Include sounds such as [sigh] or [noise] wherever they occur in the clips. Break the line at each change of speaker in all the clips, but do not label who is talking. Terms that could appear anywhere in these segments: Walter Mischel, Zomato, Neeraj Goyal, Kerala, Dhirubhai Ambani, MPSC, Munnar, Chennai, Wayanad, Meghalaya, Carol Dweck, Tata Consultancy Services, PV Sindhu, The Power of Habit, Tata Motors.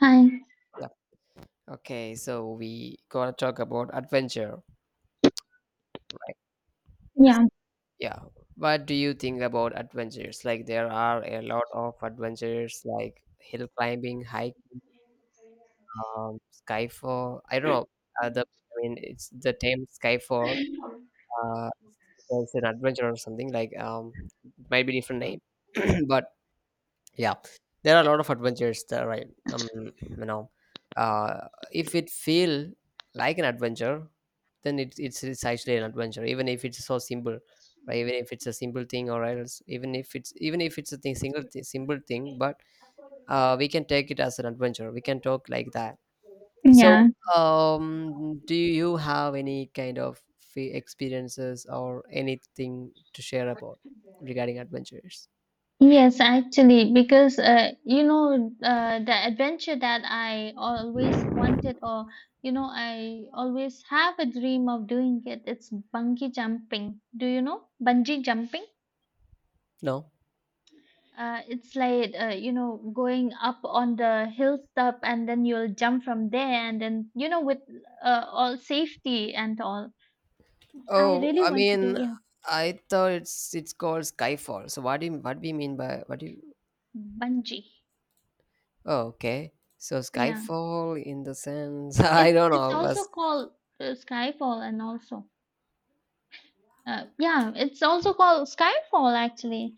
Hi.
Yeah. Okay, so we gonna talk about adventure, right?
Yeah.
Yeah. What do you think about adventures? Like there are a lot of adventures, like hill climbing, hike, um, skyfall. I don't know. The I mean, it's the term skyfall. Uh, it's an adventure or something like might be different name, [clears throat] but yeah, there are a lot of adventures there, right? You know, if it feel like an adventure, then it's actually an adventure, even if it's so simple, right? Even if it's a simple thing, or else even if it's a simple thing, but we can take it as an adventure. We can talk like that. So,
Yeah.
do you have any kind of experiences or anything to share about regarding adventures?
Yes, actually, because you know, the adventure that I always wanted, or you know, I always have a dream of doing it. It's bungee jumping. Do you know bungee jumping?
No.
It's like you know, going up on the hilltop, and then you'll jump from there, and then you know, with all safety and all. I
Oh,
really
I
want to do,
mean,
yeah,
I thought it's called Skyfall. So what do you mean by what do you?
bungee.
Oh, okay. So
Yeah.
Skyfall in the sense, [laughs] I
It's
don't
it's
know.
also called Skyfall, and also yeah, it's also called Skyfall actually.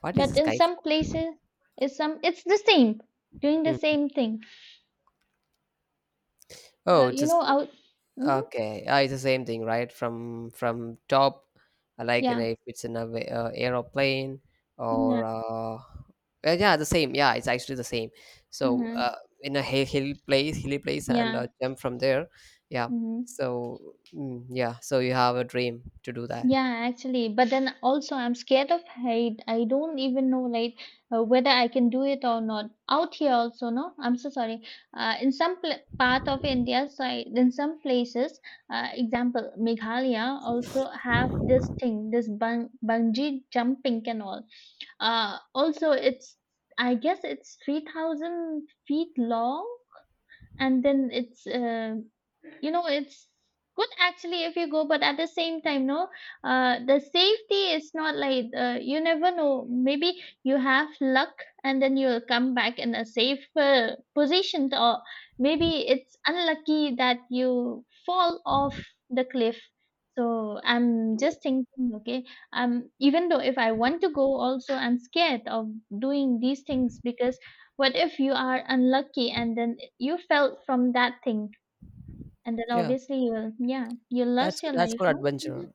What
But
is
in some
Skyfall?
places, it's the same, doing the
Hmm.
same thing.
Oh, it's
You know,
just
out. Hmm.
okay, it's the same thing, right? From top, like you know,
Yeah,
if it's in a aeroplane
yeah,
or yeah, the same. Yeah, it's actually the same. So
hmm,
in a hill place, hilly place, and
yeah.
jump from there. Yeah.
Hmm.
So yeah, so you have a dream to do that.
Yeah, actually, but then also I'm scared of height. I don't even know like whether I can do it or not. Out here also, no. I'm so sorry. In some pl part of India, so I, in some places, example Meghalaya also have this thing, this bungee jumping and all. Also it's, I guess it's 3000 feet long, and then it's, you know, it's good actually if you go, but at the same time, no, the safety is not like, you never know, maybe you have luck and then you'll come back in a safer position, or maybe it's unlucky that you fall off the cliff. So I'm just thinking, okay, even though if I want to go also, I'm scared of doing these things, because what if you are unlucky and then you fell from that thing, and then
Yeah,
obviously you'll, yeah, you
that's
lost your
that's
life,
called
no? Mhm.
adventure.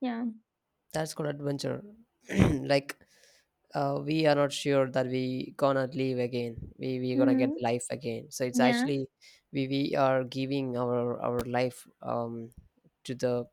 Yeah.
That's called adventure. [clears throat] Like we are not sure that we gonna live again, we gonna get
Mhm.
life again, so it's
Yeah.
actually we are giving our life to the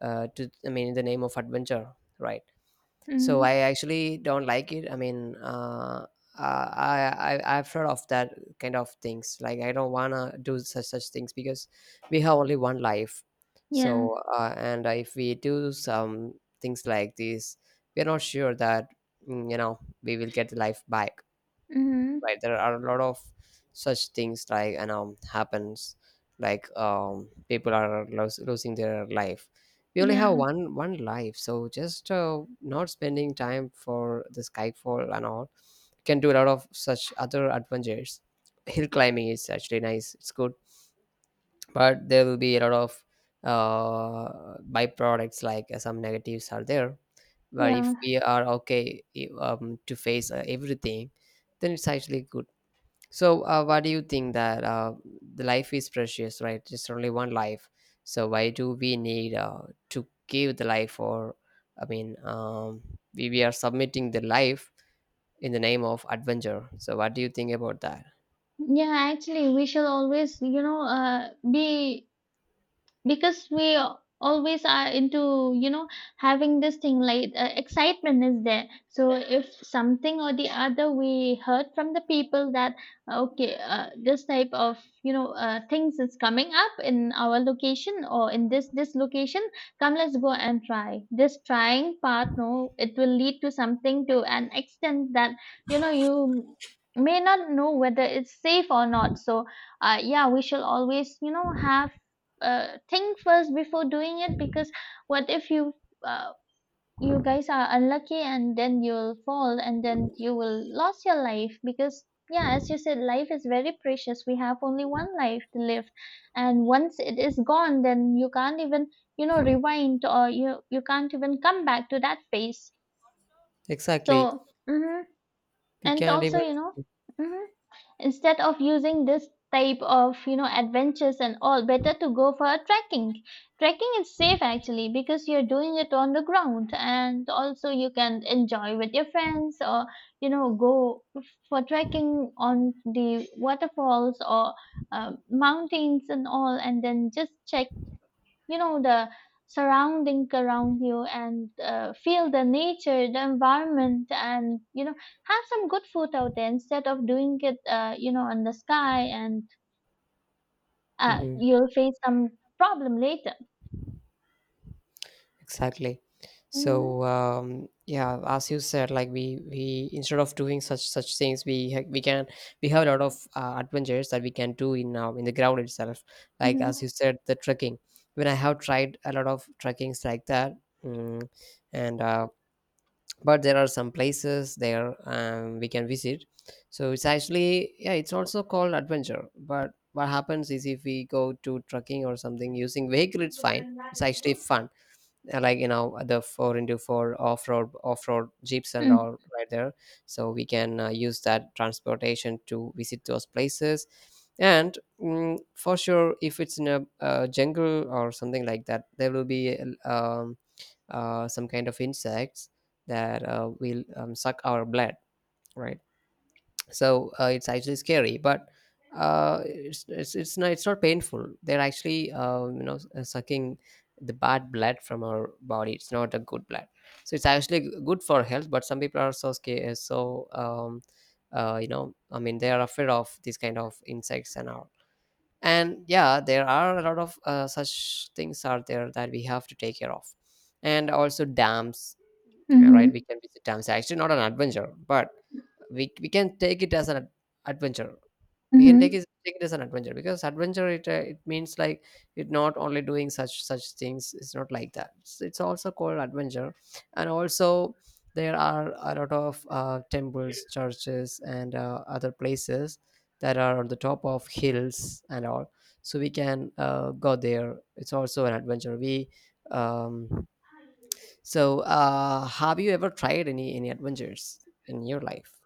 to, I mean, in the name of adventure, right? So I
Mhm.
actually don't like it. I I've heard of that kind of things. Like I don't wanna do such things because we have only one life.
Yeah.
So and if we do some things like this, we're not sure that, you know, we will get the life back,
Mhm.
right? There are a lot of such things like, and happens, like people are losing their life. We only have
Yeah.
one life, so just not spending time for the skyfall and all, can do a lot of such other adventures. Hill climbing is actually nice, it's good, but there will be a lot of byproducts, like some negatives are there. But if
Yeah.
we are okay to face everything, then it's actually good. So, what do you think that, the life is precious, right? It's only one life. So, why do we need to give the life? Or, I mean, we are submitting the life in the name of adventure. So, what do you think about that?
Yeah, actually we shall always, you know, be, because we always are into, you know, having this thing like, excitement is there, so if something or the other we heard from the people that, okay, this type of, you know, things is coming up in our location or in this location, come let's go and try this trying part, no, it will lead to something to an extent that you know you may not know whether it's safe or not. So, yeah, we shall always, you know, have, think first before doing it, because what if you, uh, you guys are unlucky and then you'll fall and then you will lose your life, because yeah, as you said, life is very precious, we have only one life to live, and once it is gone then you can't even, you know, rewind, or you can't even come back to that phase.
Exactly.
So mhm.
We
And
can't
also
even.
you know, mhm, instead of using this type of, you know, adventures and all, better to go for a trekking. Trekking is safe actually, because you're doing it on the ground, and also you can enjoy with your friends, or you know, go for trekking on the waterfalls, or mountains and all, and then just check, you know, the surrounding around you, and feel the nature, the environment, and you know, have some good food out there, instead of doing it, you know, in the sky, and
Mhm.
you'll face some problem later.
Exactly.
Mm-hmm.
So yeah, as you said, like we instead of doing such things, we can, we have a lot of adventures that we can do in the ground itself, like as
Mm-hmm.
you said, the trekking. When I have tried a lot of trekkings like that, mm, and but there are some places there, we can visit. So it's actually, yeah, it's also called adventure. But what happens is if we go to trekking or something using vehicle, it's fine, it's actually fun. Like you know, the four into four off-road jeeps and all, right there. So we can use that transportation to visit those places. And for sure, if it's in a, jungle or something like that, there will be uh, um, some kind of insects that will suck our blood, right? So it's actually scary, but it's not it's not painful. They're actually you know, sucking the bad blood from our body. It's not a good blood, so it's actually good for health. But some people are so scared, so you know, I mean, they are afraid of these kind of insects and all. And yeah, there are a lot of such things are there that we have to take care of. And also dams, right, we
Mm-hmm.
can visit dams, actually not an adventure, but we can take it as an adventure. We can
Mm-hmm.
take it as an adventure, because adventure, it it means like, it not only doing such things, it's not like that. It's also called adventure. And also there are a lot of temples, churches, and other places that are on the top of hills and all. So we can go there, it's also an adventure. We um so have you ever tried any adventures in your life?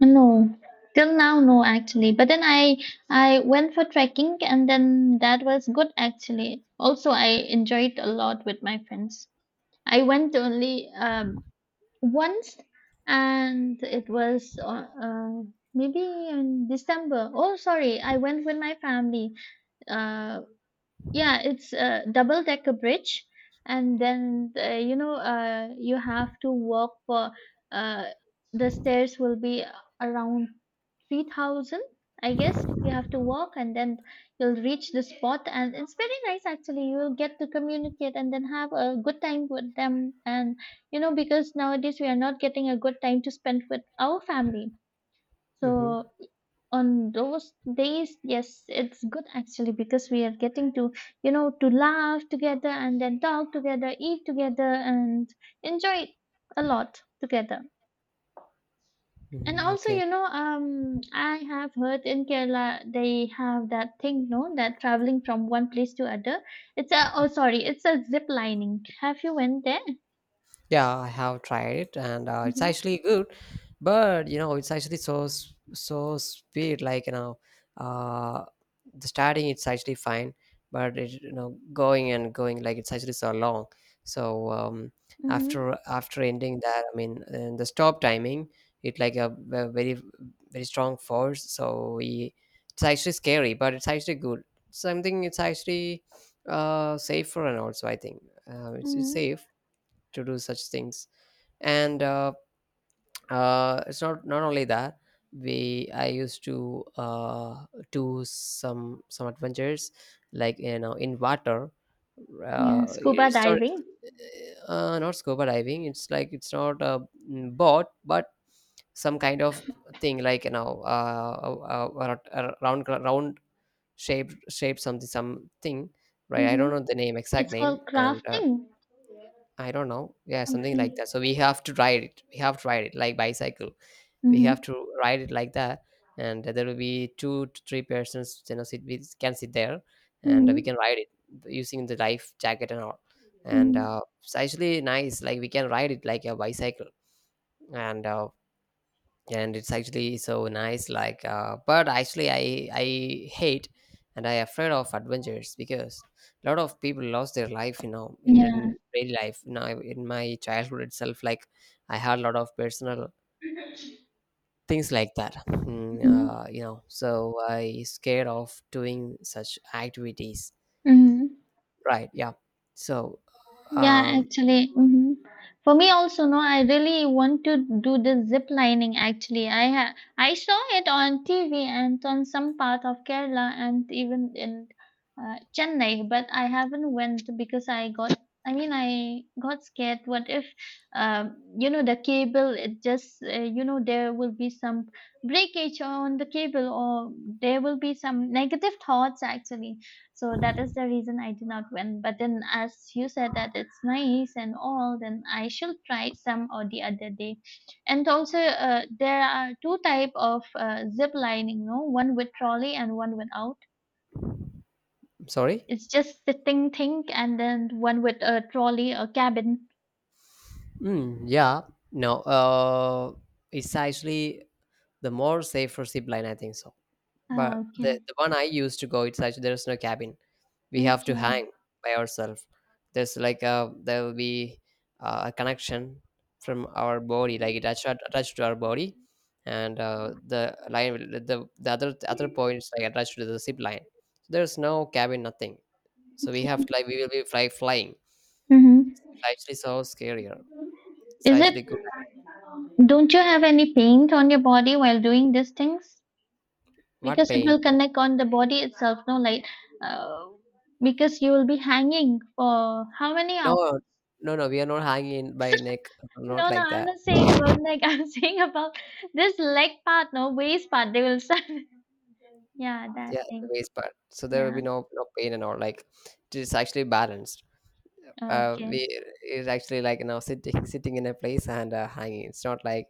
No, till now, no, actually. But then I went for trekking, and then that was good actually. Also, I enjoyed a lot with my friends. I went only once, and it was maybe in December. Oh, sorry, I went with my family. uh, yeah, it's a double decker bridge, and then you know, you have to walk for, uh, the stairs will be around 3000, I guess, you have to walk, and then you'll reach the spot, and it's very nice actually, you'll get to communicate and then have a good time with them, and you know, because nowadays we are not getting a good time to spend with our family.
Mhm.
So on those days, yes, it's good actually, because we are getting to, you know, to laugh together, and then talk together, eat together, and enjoy a lot together. And
Mhm,
also
okay.
you know, I have heard in Kerala they have that thing, no, that traveling from one place to other, it's a, oh sorry, it's a zip lining. Have you went there?
Yeah, I have tried it, and it's
Mm-hmm.
actually good. But you know, it's actually so so speed. Like you know, uh, the starting it's actually fine, but it, you know, going and going, like it's actually so long. So
Mm-hmm.
after after ending that, I mean, and the stop timing, it like a, very very strong force. So we, it's actually scary, but it's actually good. Something it's actually safer, and also I think it's
Mm-hmm.
safe to do such things. And it's not, not only that, we I used to do some adventures like you know, in water.
Yeah, scuba
It's not
diving.
not scuba diving. It's like it's not a, boat, but some kind of thing, like you know, a round shaped something, right? I
Mm-hmm.
don't know the name exact
It's
name.
called
And
crafting,
I don't know. Yeah, something like
something.
that. So we have to ride it. We have to ride it like bicycle. We have
Mm-hmm.
to ride it like that, and there will be two to three persons. You know, sit We can sit there, and we
Mm-hmm.
can ride it using the life jacket and all. And
Mhm.
it's actually nice. Like we can ride it like a bicycle, and and it's actually so nice, like but actually I hate and I afraid of adventures, because a lot of people lost their life, you know,
Yeah.
in real life. Now in my childhood itself, like I had a lot of personal things like that.
Mhm.
You know, so I scared of doing such activities,
Mhm.
right? Yeah, so
Yeah,
um
actually. Mhm. For me also, no, I really want to do the zip lining actually. I saw it on TV, and on some part of Kerala, and even in Chennai, but I haven't went because I got, I mean I got scared, what if you know the cable, it just, you know, there will be some breakage on the cable, or there will be some negative thoughts actually. So that is the reason I did not went. But then, as you said that it's nice and all, then I shall try it some or the other day. And also, there are two type of zip lining, no? One with trolley and one without.
sorry.
It's just sitting thing, and then one with a trolley or cabin.
Yeah, no it's actually the more safer zip line, I think so. But
Ah, okay,
the one I used to go, it's actually there's no cabin. We have to
okay.
hang by ourselves. There's like a, there will be a connection from our body, like it attached to our body, and the line the the other point is like attached to the zip line. There's no cabin, nothing. So we have to, like we will be flying.
Mm-hmm.
It's actually so scarier. It's
Is it?
actually good.
Don't you have any paint on your body while doing these things?
What
Because it
pain?
will connect on the body itself, no, like uh, because you will be hanging for how many hours.
No, no, no. We are not hanging by neck.
[laughs]
Not
No, no,
like
I'm
that.
not saying about neck. [laughs] I'm saying about this leg part, no, waist part, they will start. [laughs] Yeah, that
Yeah, the
thing.
waist part. So there will
Yeah,
be no pain and all. Like it is actually balanced. We
okay.
It's actually like you know, sitting in a place and hanging. It's not like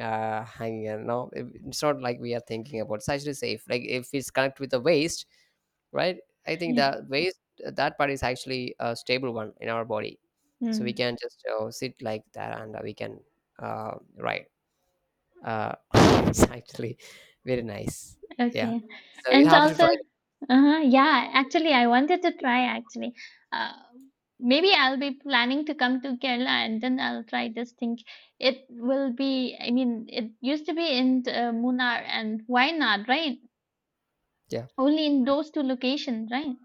hanging and no, it's not like we are thinking about. It's actually safe. Like if it's connected with the waist, right? I think
[laughs] Yeah.
the waist, that part is actually a stable one in our body, so we
Hmm.
can just sit like that, and we can ride. Uh, [laughs] it's actually very nice. Yeah.
Okay.
So you
And
have to
also,
try it.
uh-huh, yeah, actually, I wanted to try actually. Uh, Maybe I'll be planning to come to Kerala, and then I'll try this thing. It will be, I mean, it used to be in Munnar and Wayanad, right?
Yeah.
Only in those two locations, right?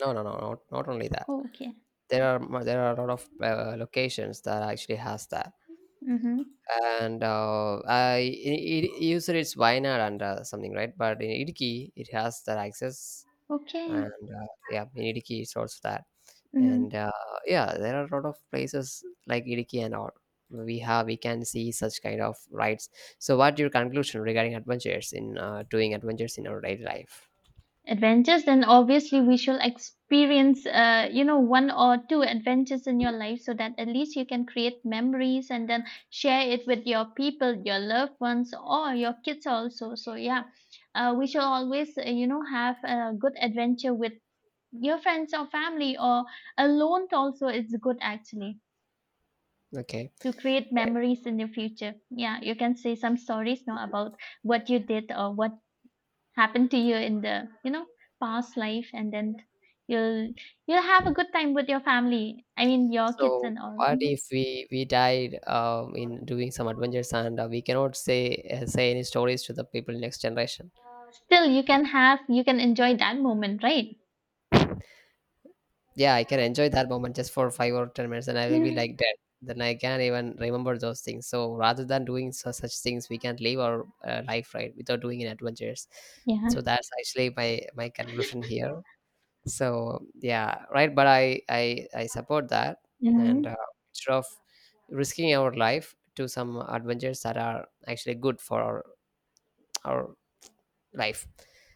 No, no, no, not only that.
Oh, okay.
There are a lot of locations that actually has that,
Mm-hmm.
and usually it's Wayanad and something, right? But in Idiki, it has that access,
Okay.
and yeah, in Idiki it's also that, and
Mm-hmm.
yeah, there are a lot of places like Idiki and all. We have we can see such kind of rides. So, what your conclusion regarding adventures in doing adventures in our daily life?
Adventures, then obviously we shall experience, you know, one or two adventures in your life, so that at least you can create memories and then share it with your people, your loved ones, or your kids also. So yeah, we shall always, you know, have a good adventure with your friends or family, or alone also, it's good actually,
Okay,
to create
right.
memories in the future. Yeah, you can say some stories now about what you did or what happened to you in the, you know, past life, and then you'll you'll have a good time with your family, I mean your kids
So
and all.
what
Hmm.
if we died in doing some adventures, and we cannot say say any stories to the people next generation?
Still you can have, you can enjoy that moment, right?
Yeah, I can enjoy that moment just for 5 or 10 minutes, and I will be
Mhm.
like dead. Then I can't even remember those things. So rather than doing su such things, we can't live our life, right, without doing an adventures. So
Yeah.
that's actually my conclusion here. So yeah, right, but I support that and
Mhm.
instead of risking our life to some adventures that are actually good for our life.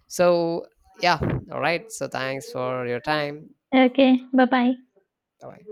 So yeah, all right. So thanks for your time.
Okay, bye bye.
Bye.